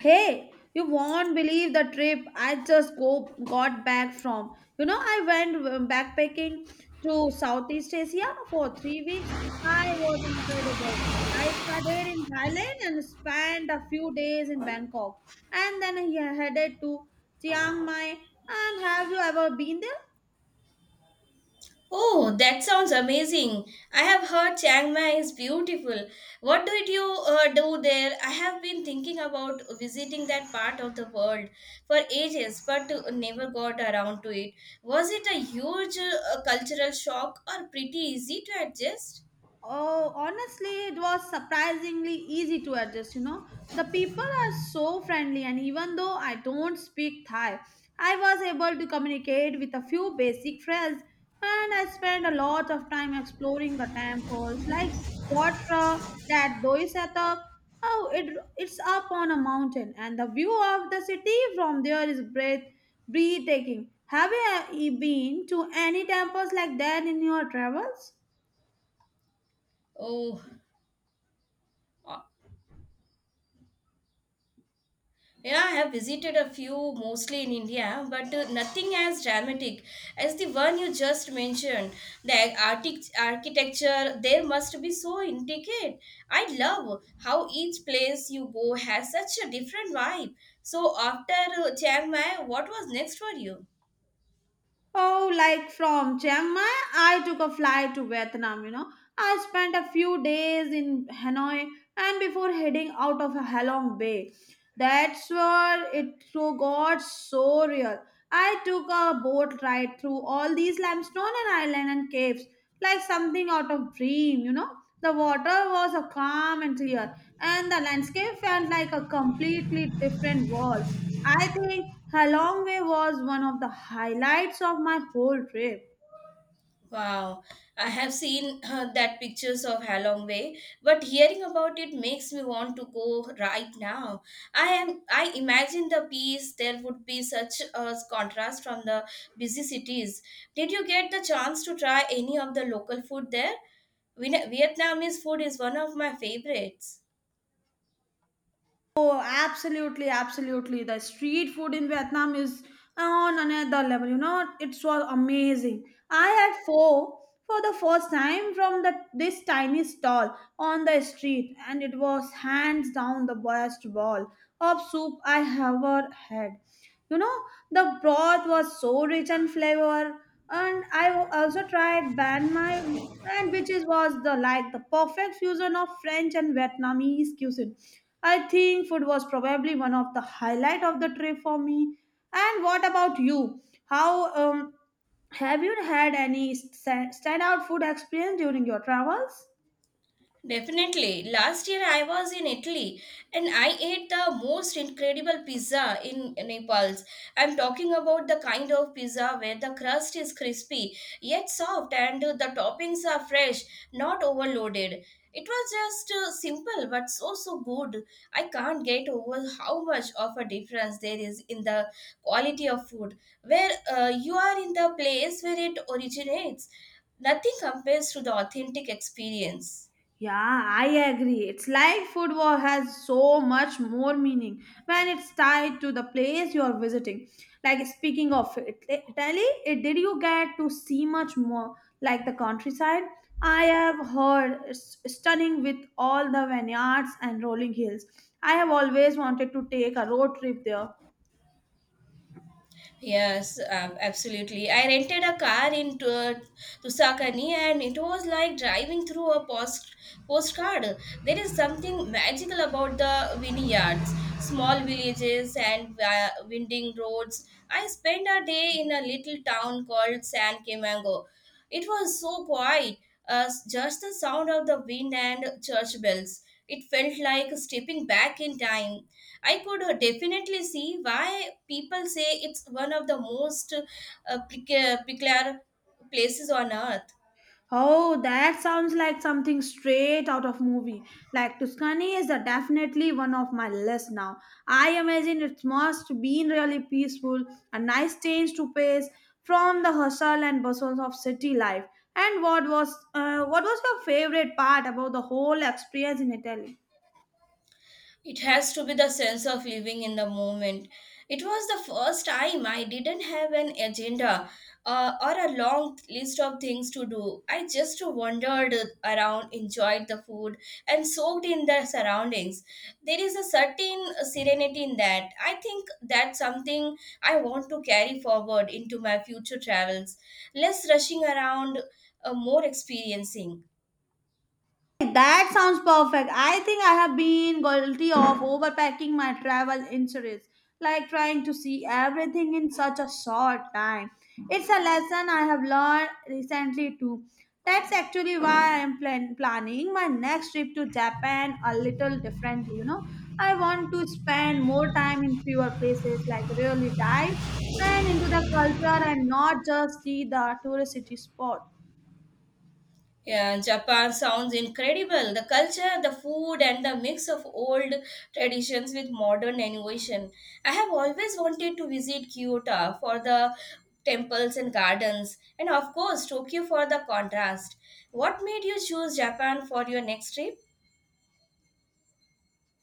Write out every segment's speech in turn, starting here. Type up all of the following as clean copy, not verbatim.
Hey, you won't believe the trip I just go got back from. I went backpacking to Southeast Asia for 3 weeks. I was incredible. I started in Thailand and spent a few days in Bangkok, and then I headed to Chiang Mai. And have you ever been there? Oh, that sounds amazing. I have heard Chiang Mai is beautiful. What did you do there? I have been thinking about visiting that part of the world for ages but never got around to it. Was it a huge cultural shock or pretty easy to adjust? Oh, honestly, it was surprisingly easy to adjust. The people are so friendly, and even though I don't speak Thai, I was able to communicate with a few basic phrases, and I spent a lot of time exploring the temples like Wat Phra, that Doi Satak. Oh, it's up on a mountain, and the view of the city from there is breathtaking. Have you been to any temples like that in your travels? Oh, yeah, I have visited a few, mostly in India, but nothing as dramatic as the one you just mentioned. The architecture there must be so intricate. I love how each place you go has such a different vibe. So, after Chiang Mai, what was next for you? Oh, like from Chiang Mai, I took a flight to Vietnam. I spent a few days in Hanoi and before heading out of Halong Bay. That's where it so got so real. I took a boat ride through all these limestone and island and caves, like something out of dream. The water was a calm and clear, and the landscape felt like a completely different world. I think Halongwe was one of the highlights of my whole trip. Wow, I have seen that pictures of Halong Bay, but hearing about it makes me want to go right now. I imagine the peace there would be such a contrast from the busy cities. Did you get the chance to try any of the local food there? Vietnamese food is one of my favorites. Oh, absolutely, absolutely. The street food in Vietnam is on another level. It was amazing. I had pho for the first time from the, this tiny stall, on the street, and it was hands down the best bowl of soup I ever had. You know, the broth was so rich in flavor, and I also tried ban my and which is was the like the perfect fusion of French and Vietnamese cuisine. I think food was probably one of the highlight of the trip for me. And what about you? How have you had any standout food experience during your travels? Definitely. Last year I was in Italy and I ate the most incredible pizza in Naples. I'm talking about the kind of pizza where the crust is crispy yet soft and the toppings are fresh, not overloaded. It was just simple but so good. I can't get over how much of a difference there is in the quality of food where you are in the place where it originates. Nothing compares to the authentic experience. Yeah, I agree. It's like food war has so much more meaning when it's tied to the place you're visiting. Like speaking of it- Italy, it- did you get to see much more like the countryside? I have heard it's stunning with all the vineyards and rolling hills. I have always wanted to take a road trip there. Yes, absolutely. I rented a car in Tuscany, and it was like driving through a postcard. There is something magical about the vineyards, small villages, and winding roads. I spent a day in a little town called San Camango. It was so quiet, just the sound of the wind and church bells. It felt like stepping back in time. I could definitely see why people say it's one of the most peculiar places on earth. Oh, that sounds like something straight out of movie. Like Tuscany is a definitely one of my list now. I imagine it must be really peaceful, a nice change to pace from the hustle and bustle of city life. And what was what was your favorite part about the whole experience in Italy? It has to be the sense of living in the moment. It was the first time I didn't have an agenda or a long list of things to do. I just wandered around, enjoyed the food, and soaked in the surroundings. There is a certain serenity in that. I think that's something I want to carry forward into my future travels. Less rushing around, more experiencing. That sounds perfect. I think I have been guilty of overpacking my travel insurance, like trying to see everything in such a short time. It's a lesson I have learned recently too. That's actually why I'm planning my next trip to Japan a little differently. I want to spend more time in fewer places, like really dive and into the culture and not just see the touristy spot. Yeah, Japan sounds incredible. The culture, the food, and the mix of old traditions with modern innovation. I have always wanted to visit Kyoto for the temples and gardens, and of course, Tokyo for the contrast. What made you choose Japan for your next trip?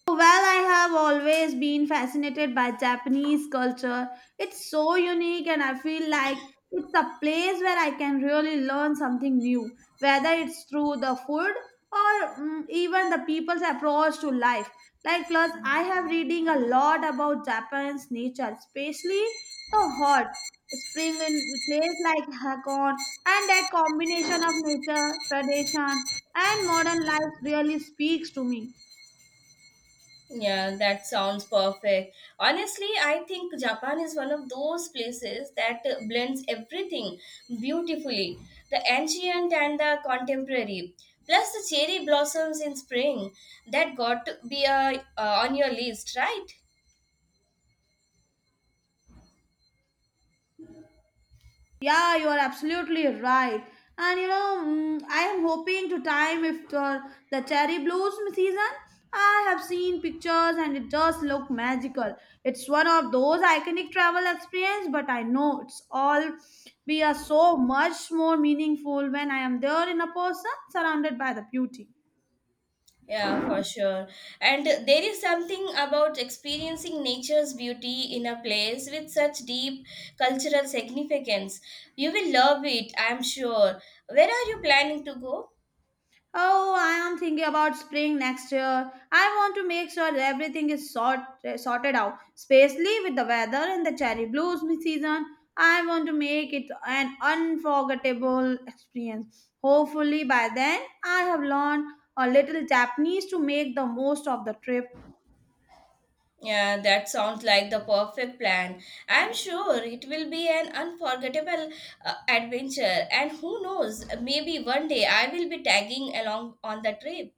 Well, I have always been fascinated by Japanese culture. It's so unique, and I feel like it's a place where I can really learn something new, whether it's through the food or even the people's approach to life. Like, plus, I have reading a lot about Japan's nature, especially the hot spring in place like Hakone, and that combination of nature, tradition, and modern life really speaks to me. Yeah, that sounds perfect. Honestly, I think Japan is one of those places that blends everything beautifully, the ancient and the contemporary. Plus, the cherry blossoms in spring. That got to be on your list, right? Yeah, you are absolutely right. And you know, I am hoping to time if the cherry blossom season. I have seen pictures and it does look magical. It's one of those iconic travel experience, but I know it's all be a so much more meaningful when I am there in a person surrounded by the beauty. Yeah, for sure. And there is something about experiencing nature's beauty in a place with such deep cultural significance. You will love it, I'm sure. Where are you planning to go? Oh, I am thinking about spring next year. I want to make sure that everything is sorted out, especially with the weather and the cherry blossom season. I want to make it an unforgettable experience. Hopefully, by then, I have learned a little Japanese to make the most of the trip. Yeah, that sounds like the perfect plan. I'm sure it will be an unforgettable adventure, and who knows, maybe one day I will be tagging along on the trip.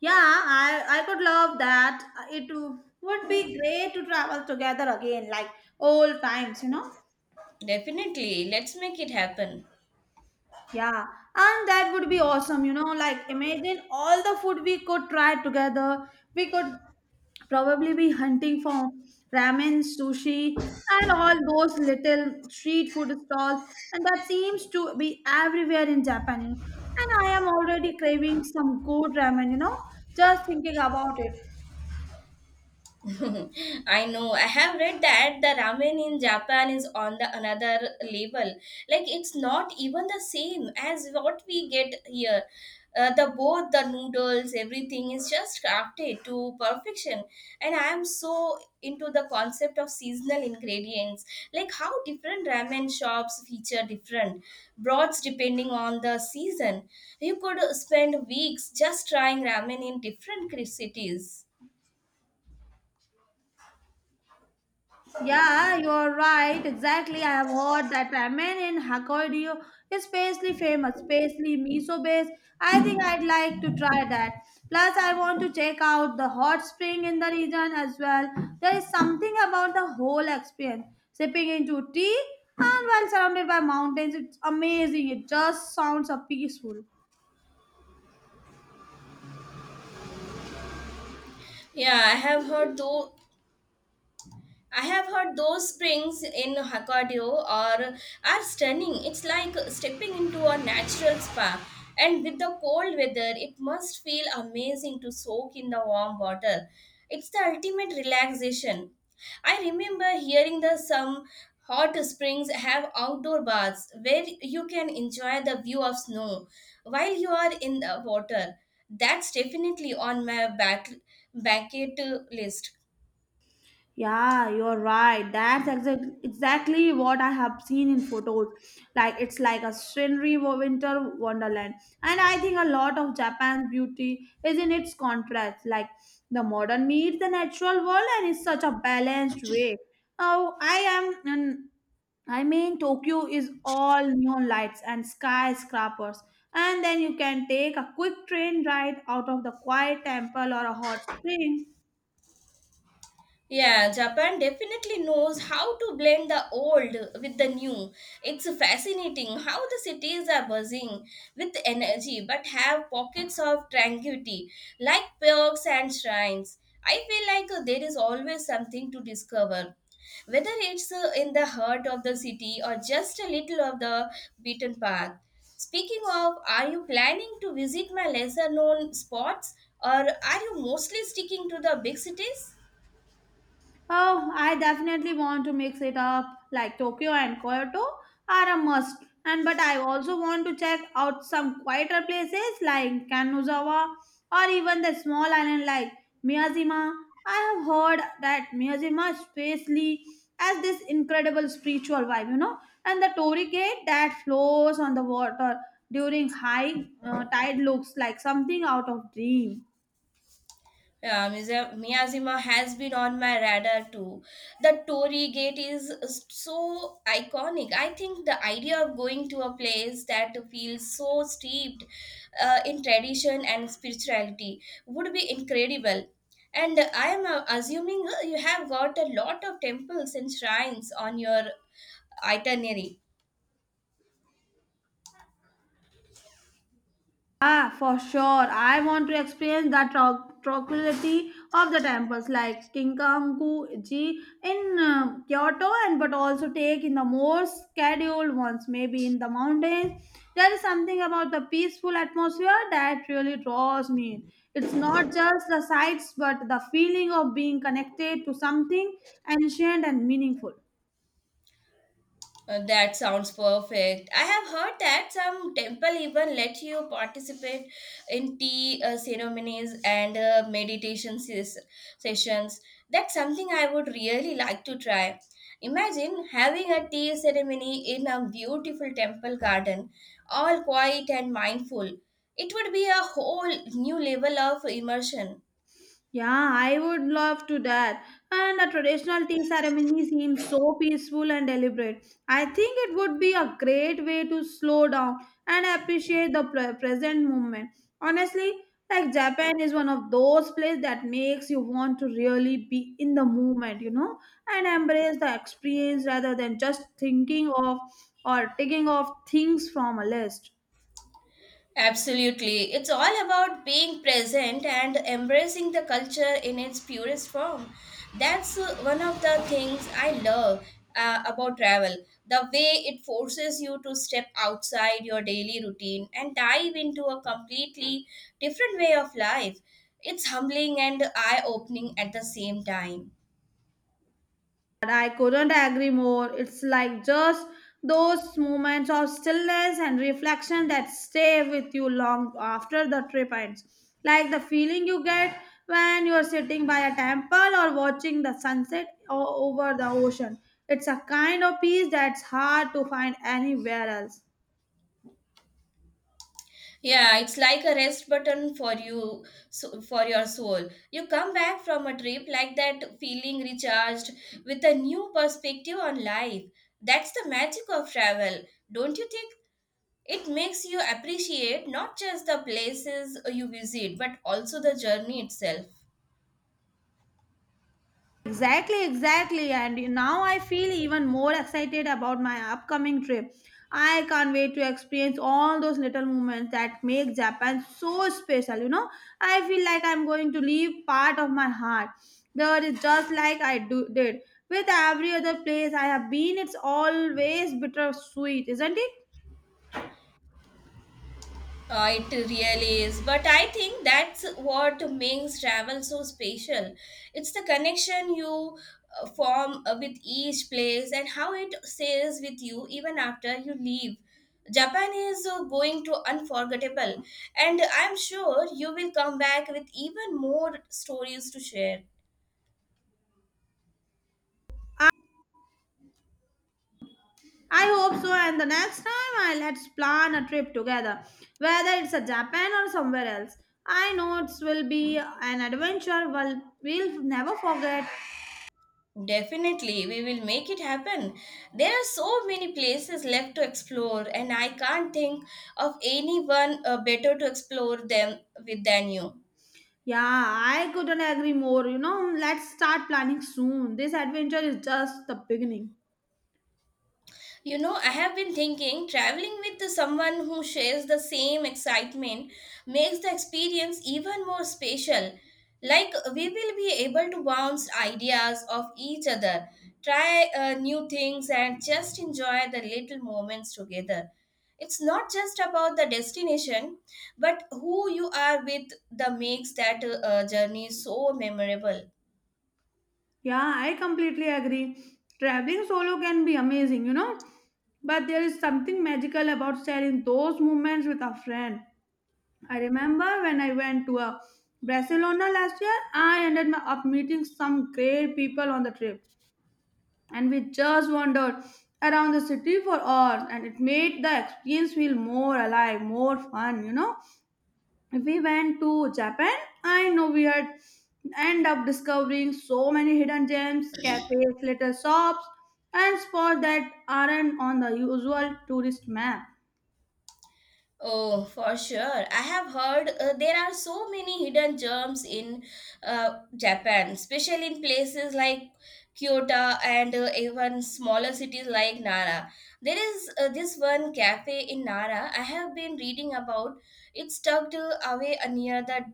Yeah, I could love that. It would be great to travel together again, like old times. Definitely, let's make it happen. Yeah, and that would be awesome. Like imagine all the food we could try together. We could probably be hunting for ramen, sushi, and all those little street food stalls. And that seems to be everywhere in Japan. And I am already craving some good ramen, just thinking about it. I know. I have read that the ramen in Japan is on the another level. Like it's not even the same as what we get here. The both the noodles, everything is just crafted to perfection. And I am so into the concept of seasonal ingredients. Like how different ramen shops feature different broths depending on the season. You could spend weeks just trying ramen in different cities. Yeah, you're right. Exactly. I have heard that ramen in Hokkaido is especially famous, especially miso based. I think I'd like to try that. Plus, I want to check out the hot spring in the region as well. There is something about the whole experience. Sipping into tea and while surrounded by mountains, it's amazing. It just sounds peaceful. Yeah, I have heard though. I have heard those springs in Hokkaido are stunning. It's like stepping into a natural spa. And with the cold weather, it must feel amazing to soak in the warm water. It's the ultimate relaxation. I remember hearing that some hot springs have outdoor baths where you can enjoy the view of snow while you are in the water. That's definitely on my back bucket list. Yeah, you're right. That's exactly what I have seen in photos. Like it's like a scenery winter wonderland. And I think a lot of Japan's beauty is in its contrast. Like the modern meets the natural world and it's such a balanced way. Oh, I am an I mean, Tokyo is all neon lights and skyscrapers, and then you can take a quick train ride out of the quiet temple or a hot spring. Yeah, Japan definitely knows how to blend the old with the new. It's fascinating how the cities are buzzing with energy but have pockets of tranquility, like parks and shrines. I feel like there is always something to discover. Whether it's in the heart of the city or just a little of the beaten path. Speaking of, are you planning to visit my lesser known spots or are you mostly sticking to the big cities? Oh, I definitely want to mix it up. Like Tokyo and Kyoto are a must. And but I also want to check out some quieter places like Kanuzawa or even the small island like Miyajima. I have heard that Miyajima especially has this incredible spiritual vibe, and the torii gate that flows on the water during high tide looks like something out of dream. Yeah, Miyazima has been on my radar too. The Torii Gate is so iconic. I think the idea of going to a place that feels so steeped in tradition and spirituality would be incredible. And I am assuming you have got a lot of temples and shrines on your itinerary. Ah, for sure. I want to experience the tranquility of the temples like Kinkanku-ji in Kyoto, and but also take in the more scheduled ones, maybe in the mountains. There is something about the peaceful atmosphere that really draws me in. It's not just the sights, but the feeling of being connected to something ancient and meaningful. That sounds perfect. I have heard that some temple even let you participate in tea ceremonies and meditation sessions. That's something I would really like to try. Imagine having a tea ceremony in a beautiful temple garden, all quiet and mindful. It would be a whole new level of immersion. Yeah, I would love to that. And a traditional tea ceremony seems so peaceful and deliberate. I think it would be a great way to slow down and appreciate the present moment. Honestly, like Japan is one of those places that makes you want to really be in the moment, and embrace the experience rather than just thinking of or taking off things from a list. Absolutely. It's all about being present and embracing the culture in its purest form. That's one of the things I love about travel. The way it forces you to step outside your daily routine and dive into a completely different way of life. It's humbling and eye opening at the same time. And I couldn't agree more. It's like just those moments of stillness and reflection that stay with you long after the trip ends. Like the feeling you get when you're sitting by a temple or watching the sunset over the ocean. It's a kind of peace that's hard to find anywhere else. Yeah, it's like a rest button for you, so for your soul. You come back from a trip like that, feeling recharged with a new perspective on life. That's the magic of travel, don't you think? It makes you appreciate not just the places you visit, but also the journey itself. Exactly, exactly. And now I feel even more excited about my upcoming trip. I can't wait to experience all those little moments that make Japan so special. I feel like I'm going to leave part of my heart there is just like I do did with every other place I have been. It's always bittersweet, isn't it? It really is. But I think that's what makes travel so special. It's the connection you form with each place and how it stays with you even after you leave. Japan is going to unforgettable, and I'm sure you will come back with even more stories to share. I hope so, and the next time I let's plan a trip together, whether it's a Japan or somewhere else. I know it will be an adventure we'll never forget. Definitely, we will make it happen. There are so many places left to explore, and I can't think of anyone better to explore them with than you. Yeah, I couldn't agree more. You know, let's start planning soon. This adventure is just the beginning. You know, I have been thinking, traveling with someone who shares the same excitement makes the experience even more special. Like, we will be able to bounce ideas off each other, try new things, and just enjoy the little moments together. It's not just about the destination, but who you are with that makes that journey so memorable. Yeah, I completely agree. Traveling solo can be amazing, but there is something magical about sharing those moments with a friend. I remember when I went to Barcelona last year, I ended up meeting some great people on the trip, and we just wandered around the city for hours, and it made the experience feel more alive, more fun. You know, if we went to Japan, I know we had end up discovering so many hidden gems, cafes, little shops, and spots that aren't on the usual tourist map. Oh, for sure. I have heard there are so many hidden gems in Japan, especially in places like Kyoto and even smaller cities like Nara. There is this one cafe in Nara I have been reading about. It's tucked away near the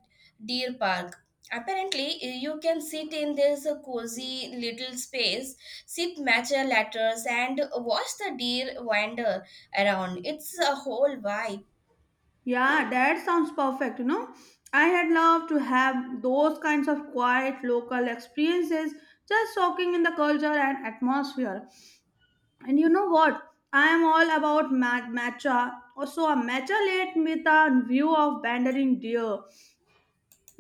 Deer Park. Apparently, you can sit in this cozy little space, sip matcha lattes, and watch the deer wander around. It's a whole vibe. Yeah, that sounds perfect. I had loved to have those kinds of quiet local experiences, just soaking in the culture and atmosphere. And you know what? I am all about matcha. Also, a matcha late with a view of wandering deer.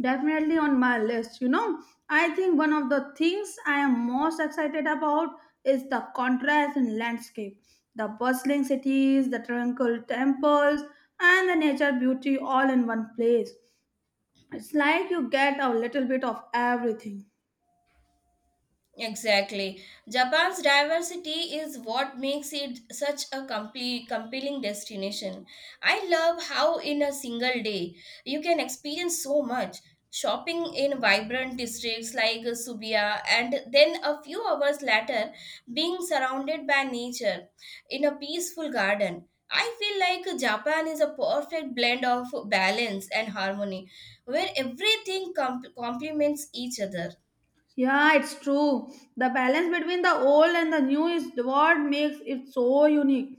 Definitely on my list. I think one of the things I am most excited about is the contrast in landscape. The bustling cities, the tranquil temples, and the nature beauty all in one place. It's like you get a little bit of everything. Exactly. Japan's diversity is what makes it such a compelling destination. I love how, in a single day, you can experience so much. Shopping in vibrant districts like Subiya, and then a few hours later, being surrounded by nature in a peaceful garden. I feel like Japan is a perfect blend of balance and harmony, where everything complements each other. Yeah, it's true. The balance between the old and the new is what makes it so unique.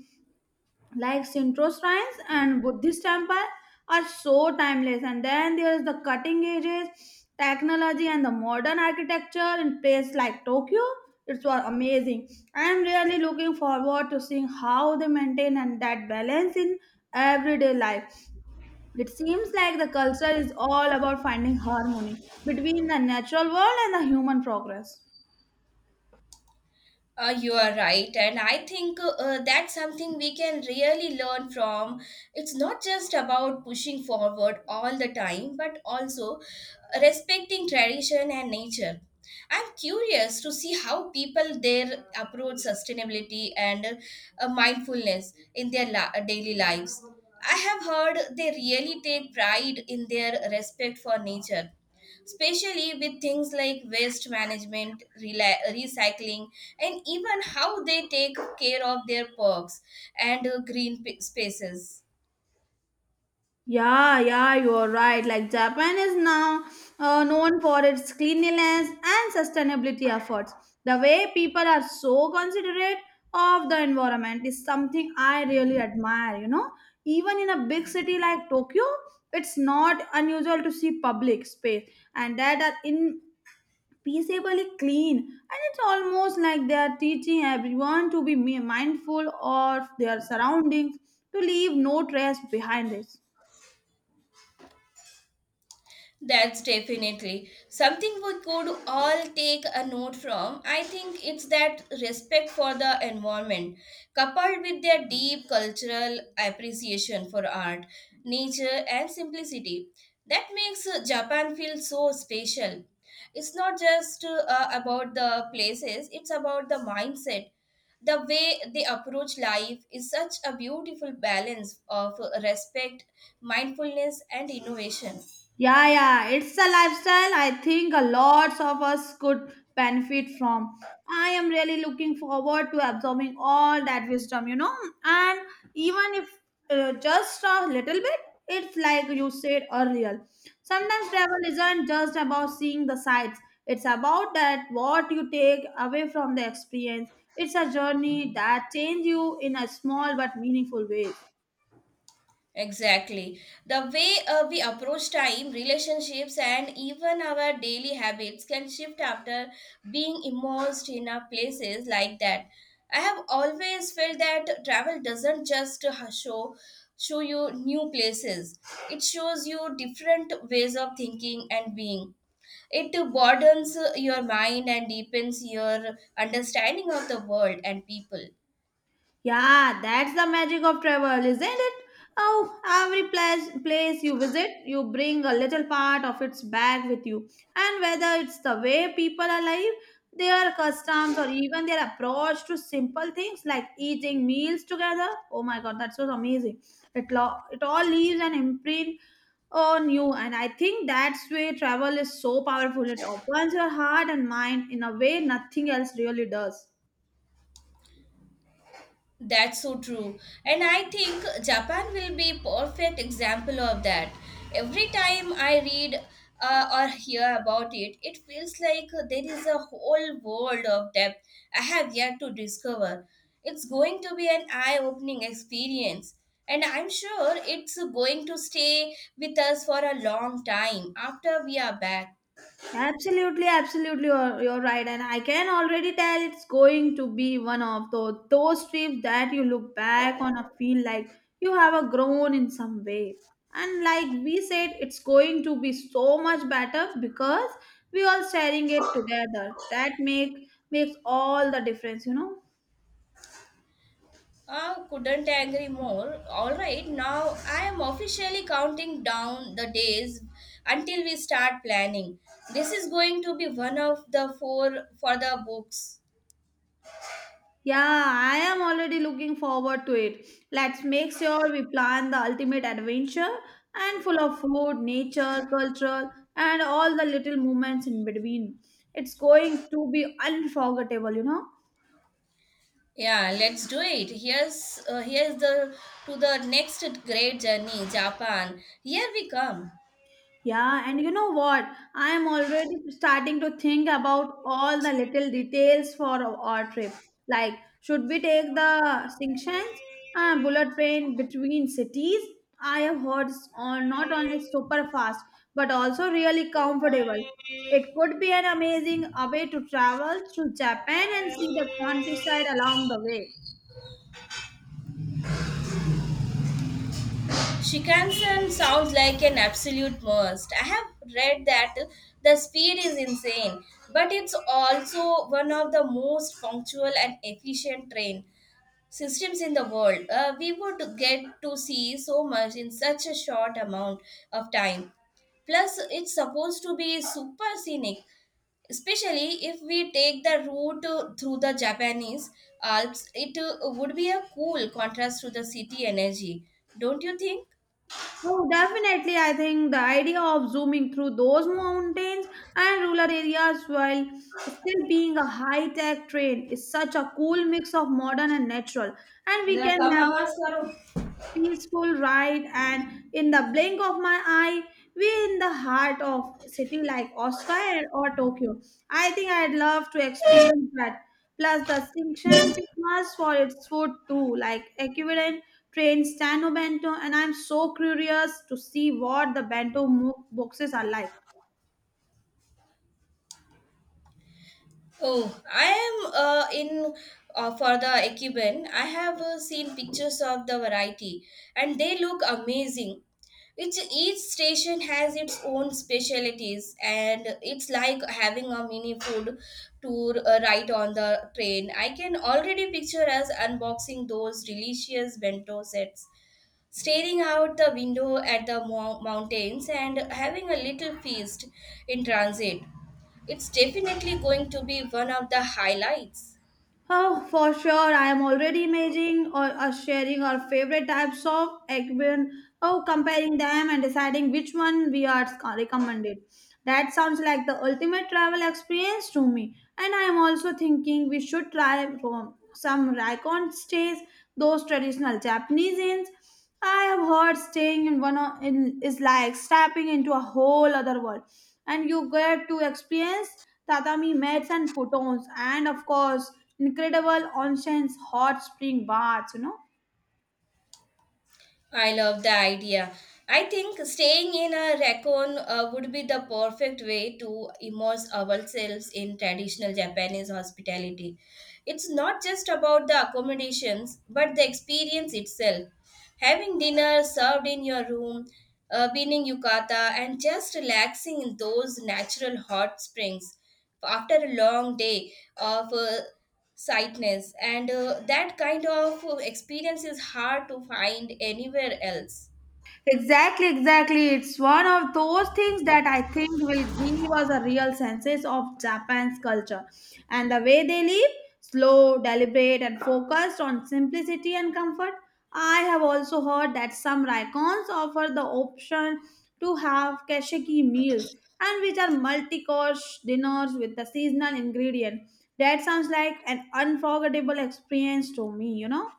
Like Shinto shrines and Buddhist temple are so timeless. And then there's the cutting edges, technology, and the modern architecture in places like Tokyo. It's was amazing. I'm really looking forward to seeing how they maintain and that balance in everyday life. It seems like the culture is all about finding harmony between the natural world and the human progress. You are right, and I think that's something we can really learn from. It's not just about pushing forward all the time, but also respecting tradition and nature. I'm curious to see how people there approach sustainability and mindfulness in their daily lives. I have heard they really take pride in their respect for nature, especially with things like waste management, recycling, and even how they take care of their parks and green spaces. Yeah, yeah, you're right. Like Japan is now known for its cleanliness and sustainability efforts. The way people are so considerate of the environment is something I really admire. Even in a big city like Tokyo, it's not unusual to see public space and that are in peaceably clean, and it's almost like they are teaching everyone to be mindful of their surroundings to leave no trace behind it. That's definitely something we could all take a note from. I think it's that respect for the environment, coupled with their deep cultural appreciation for art, nature, and simplicity, that makes Japan feel so special. It's not just about the places, it's about the mindset. The way they approach life is such a beautiful balance of respect, mindfulness, and innovation. Yeah, yeah, it's a lifestyle I think a lots of us could benefit from. I am really looking forward to absorbing all that wisdom, and even if just a little bit, it's like you said earlier. Sometimes travel isn't just about seeing the sights, it's about that what you take away from the experience. It's a journey that changes you in a small but meaningful ways. Exactly. The way we approach time, relationships, and even our daily habits can shift after being immersed in our places like that. I have always felt that travel doesn't just show you new places. It shows you different ways of thinking and being. It broadens your mind and deepens your understanding of the world and people. Yeah, that's the magic of travel, isn't it? Oh, every place you visit, you bring a little part of its back with you. And whether it's the way people are live, their customs, or even their approach to simple things like eating meals together, oh my god, that's so amazing. It all leaves an imprint on you. And I think that's why travel is so powerful. It opens your heart and mind in a way nothing else really does. That's so true. And I think Japan will be perfect example of that. Every time I read or hear about it, it feels like there is a whole world of depth I have yet to discover. It's going to be an eye-opening experience. And I'm sure it's going to stay with us for a long time after we are back. Absolutely, absolutely, you're right. And I can already tell it's going to be one of those trips that you look back on and feel like you have a grown in some way. And like we said, it's going to be so much better because we all sharing it together. That makes all the difference. I couldn't agree more. All right, now I am officially counting down the days until we start planning. This is going to be one of the four for the books. Yeah, I am already looking forward to it. Let's make sure we plan the ultimate adventure and full of food, nature, culture, and all the little moments in between. It's going to be unforgettable. Yeah, let's do it. Here's here's the to the next great journey, Japan. Here we come. Yeah, and you know what? I am already starting to think about all the little details for our trip. Like, should we take the Xinxian bullet train between cities? I have heard it's on not only super fast but also really comfortable. It could be an amazing way to travel through Japan and see the countryside along the way. Shinkansen sounds like an absolute must. I have read that the speed is insane, but it's also one of the most punctual and efficient train systems in the world. We would get to see so much in such a short amount of time. Plus, it's supposed to be super scenic, especially if we take the route through the Japanese Alps. It would be a cool contrast to the city energy, don't you think? Oh, definitely. I think the idea of zooming through those mountains and rural areas while still being a high tech train is such a cool mix of modern and natural. And we જરા can come have અવાજ કરો peaceful ride and in the blink of my eye we're in the heart of city like Osaka or Tokyo. I think I'd love to experience that. Plus the distinction famous for its food too, like equivalent train stano bento, and I'm so curious to see what the bento boxes are like. Oh, I am in for the Ekiben. I have seen pictures of the variety and they look amazing. Each, each station has its own specialities, and it's like having a mini food tour right on the train. I can already picture us unboxing those delicious bento sets, staring out the window at the mountains and having a little feast in transit. It's definitely going to be one of the highlights. Oh, for sure. I am already imagining or sharing our favorite types of eggplant. Oh, comparing them and deciding which one we are recommended. That sounds like the ultimate travel experience to me. And I am also thinking we should try from some raccoon stays, those traditional Japanese inns. I have heard staying in in is like stepping into a whole other world, and you get to experience tatami mats and futons, and of course, incredible onsen's hot spring baths. You know. I love the idea. I think staying in a raccoon would be the perfect way to immerse ourselves in traditional Japanese hospitality. It's not just about the accommodations, but the experience itself. Having dinner served in your room, being yukata, and just relaxing in those natural hot springs after a long day of sightness and that kind of experience is hard to find anywhere else. Exactly, exactly. It's one of those things that I think will give us a real sense of Japan's culture and the way they live slow, deliberate, and focused on simplicity and comfort. I have also heard that some raikons offer the option to have kashiki meals and which are multi-course dinners with the seasonal ingredient. That sounds like an unforgettable experience to me, you know?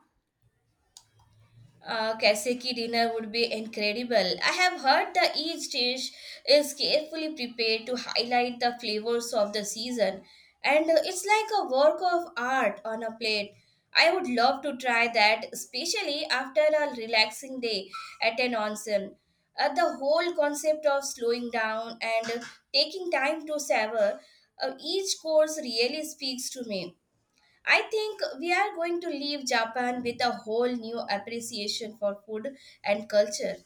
Kaseki dinner would be incredible. I have heard that each dish is carefully prepared to highlight the flavors of the season, and it's like a work of art on a plate. I would love to try that, especially after a relaxing day at an onsen. The whole concept of slowing down and taking time to savor each course really speaks to me. I think we are going to leave Japan with a whole new appreciation for food and culture.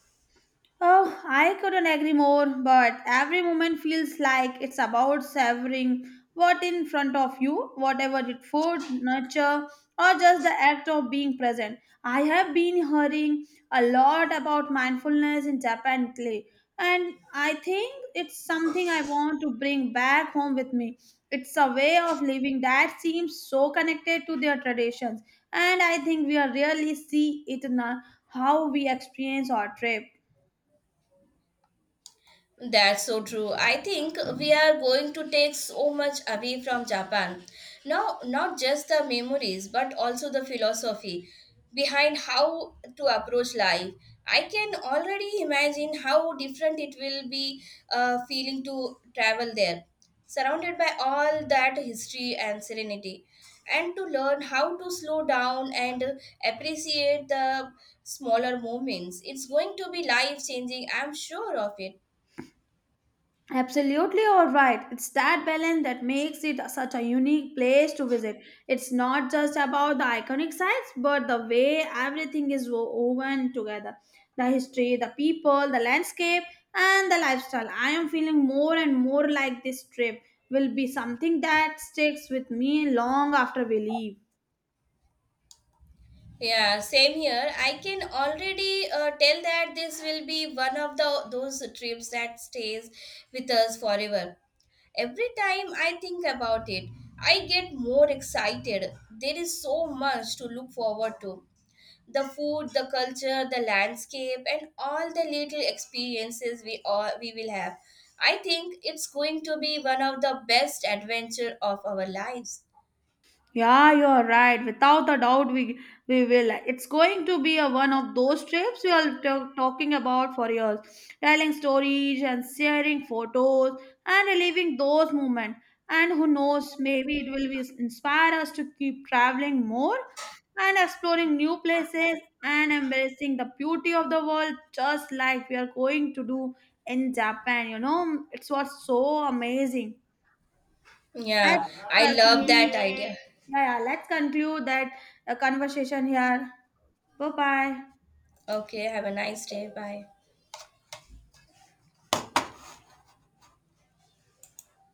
Oh, I couldn't agree more, but every moment feels like it's about savoring what in front of you, whatever it food, nurture, or just the act of being present. I have been hearing a lot about mindfulness in Japan lately, and I think it's something I want to bring back home with me. It's a way of living that seems so connected to their traditions, and I think we are really see it in how we experience our trip. That's so true. I think we are going to take so much away from Japan. Now, not just the memories, but also the philosophy behind how to approach life. I can already imagine how different it will be feeling to travel there, surrounded by all that history and serenity, and to learn how to slow down and appreciate the smaller moments. It's going to be life changing, I'm sure of it. Absolutely all right. It's that balance that makes it such a unique place to visit. It's not just about the iconic sites, but the way everything is woven together the history, the people, the landscape, and the lifestyle. I am feeling more and more like this trip will be something that sticks with me long after we leave. Yeah, same here. I can already tell that this will be one of the those trips that stays with us forever. Every time I think about it, I get more excited. There is so much to look forward to. The food, the culture, the landscape, and all the little experiences we will have. I think it's going to be one of the best adventure of our lives. Yeah, you're right. Without a doubt, we will. It's going to be a one of those trips we are talking about for years, telling stories and sharing photos and reliving those moments. And who knows, maybe it will be inspire us to keep traveling more and exploring new places and embracing the beauty of the world, just like we are going to do in Japan. You know, it's what's so amazing. Let's Yeah, I love continue that idea. yeah, yeah. Let's conclude that conversation here. Bye bye. Okay, have a nice day. Bye.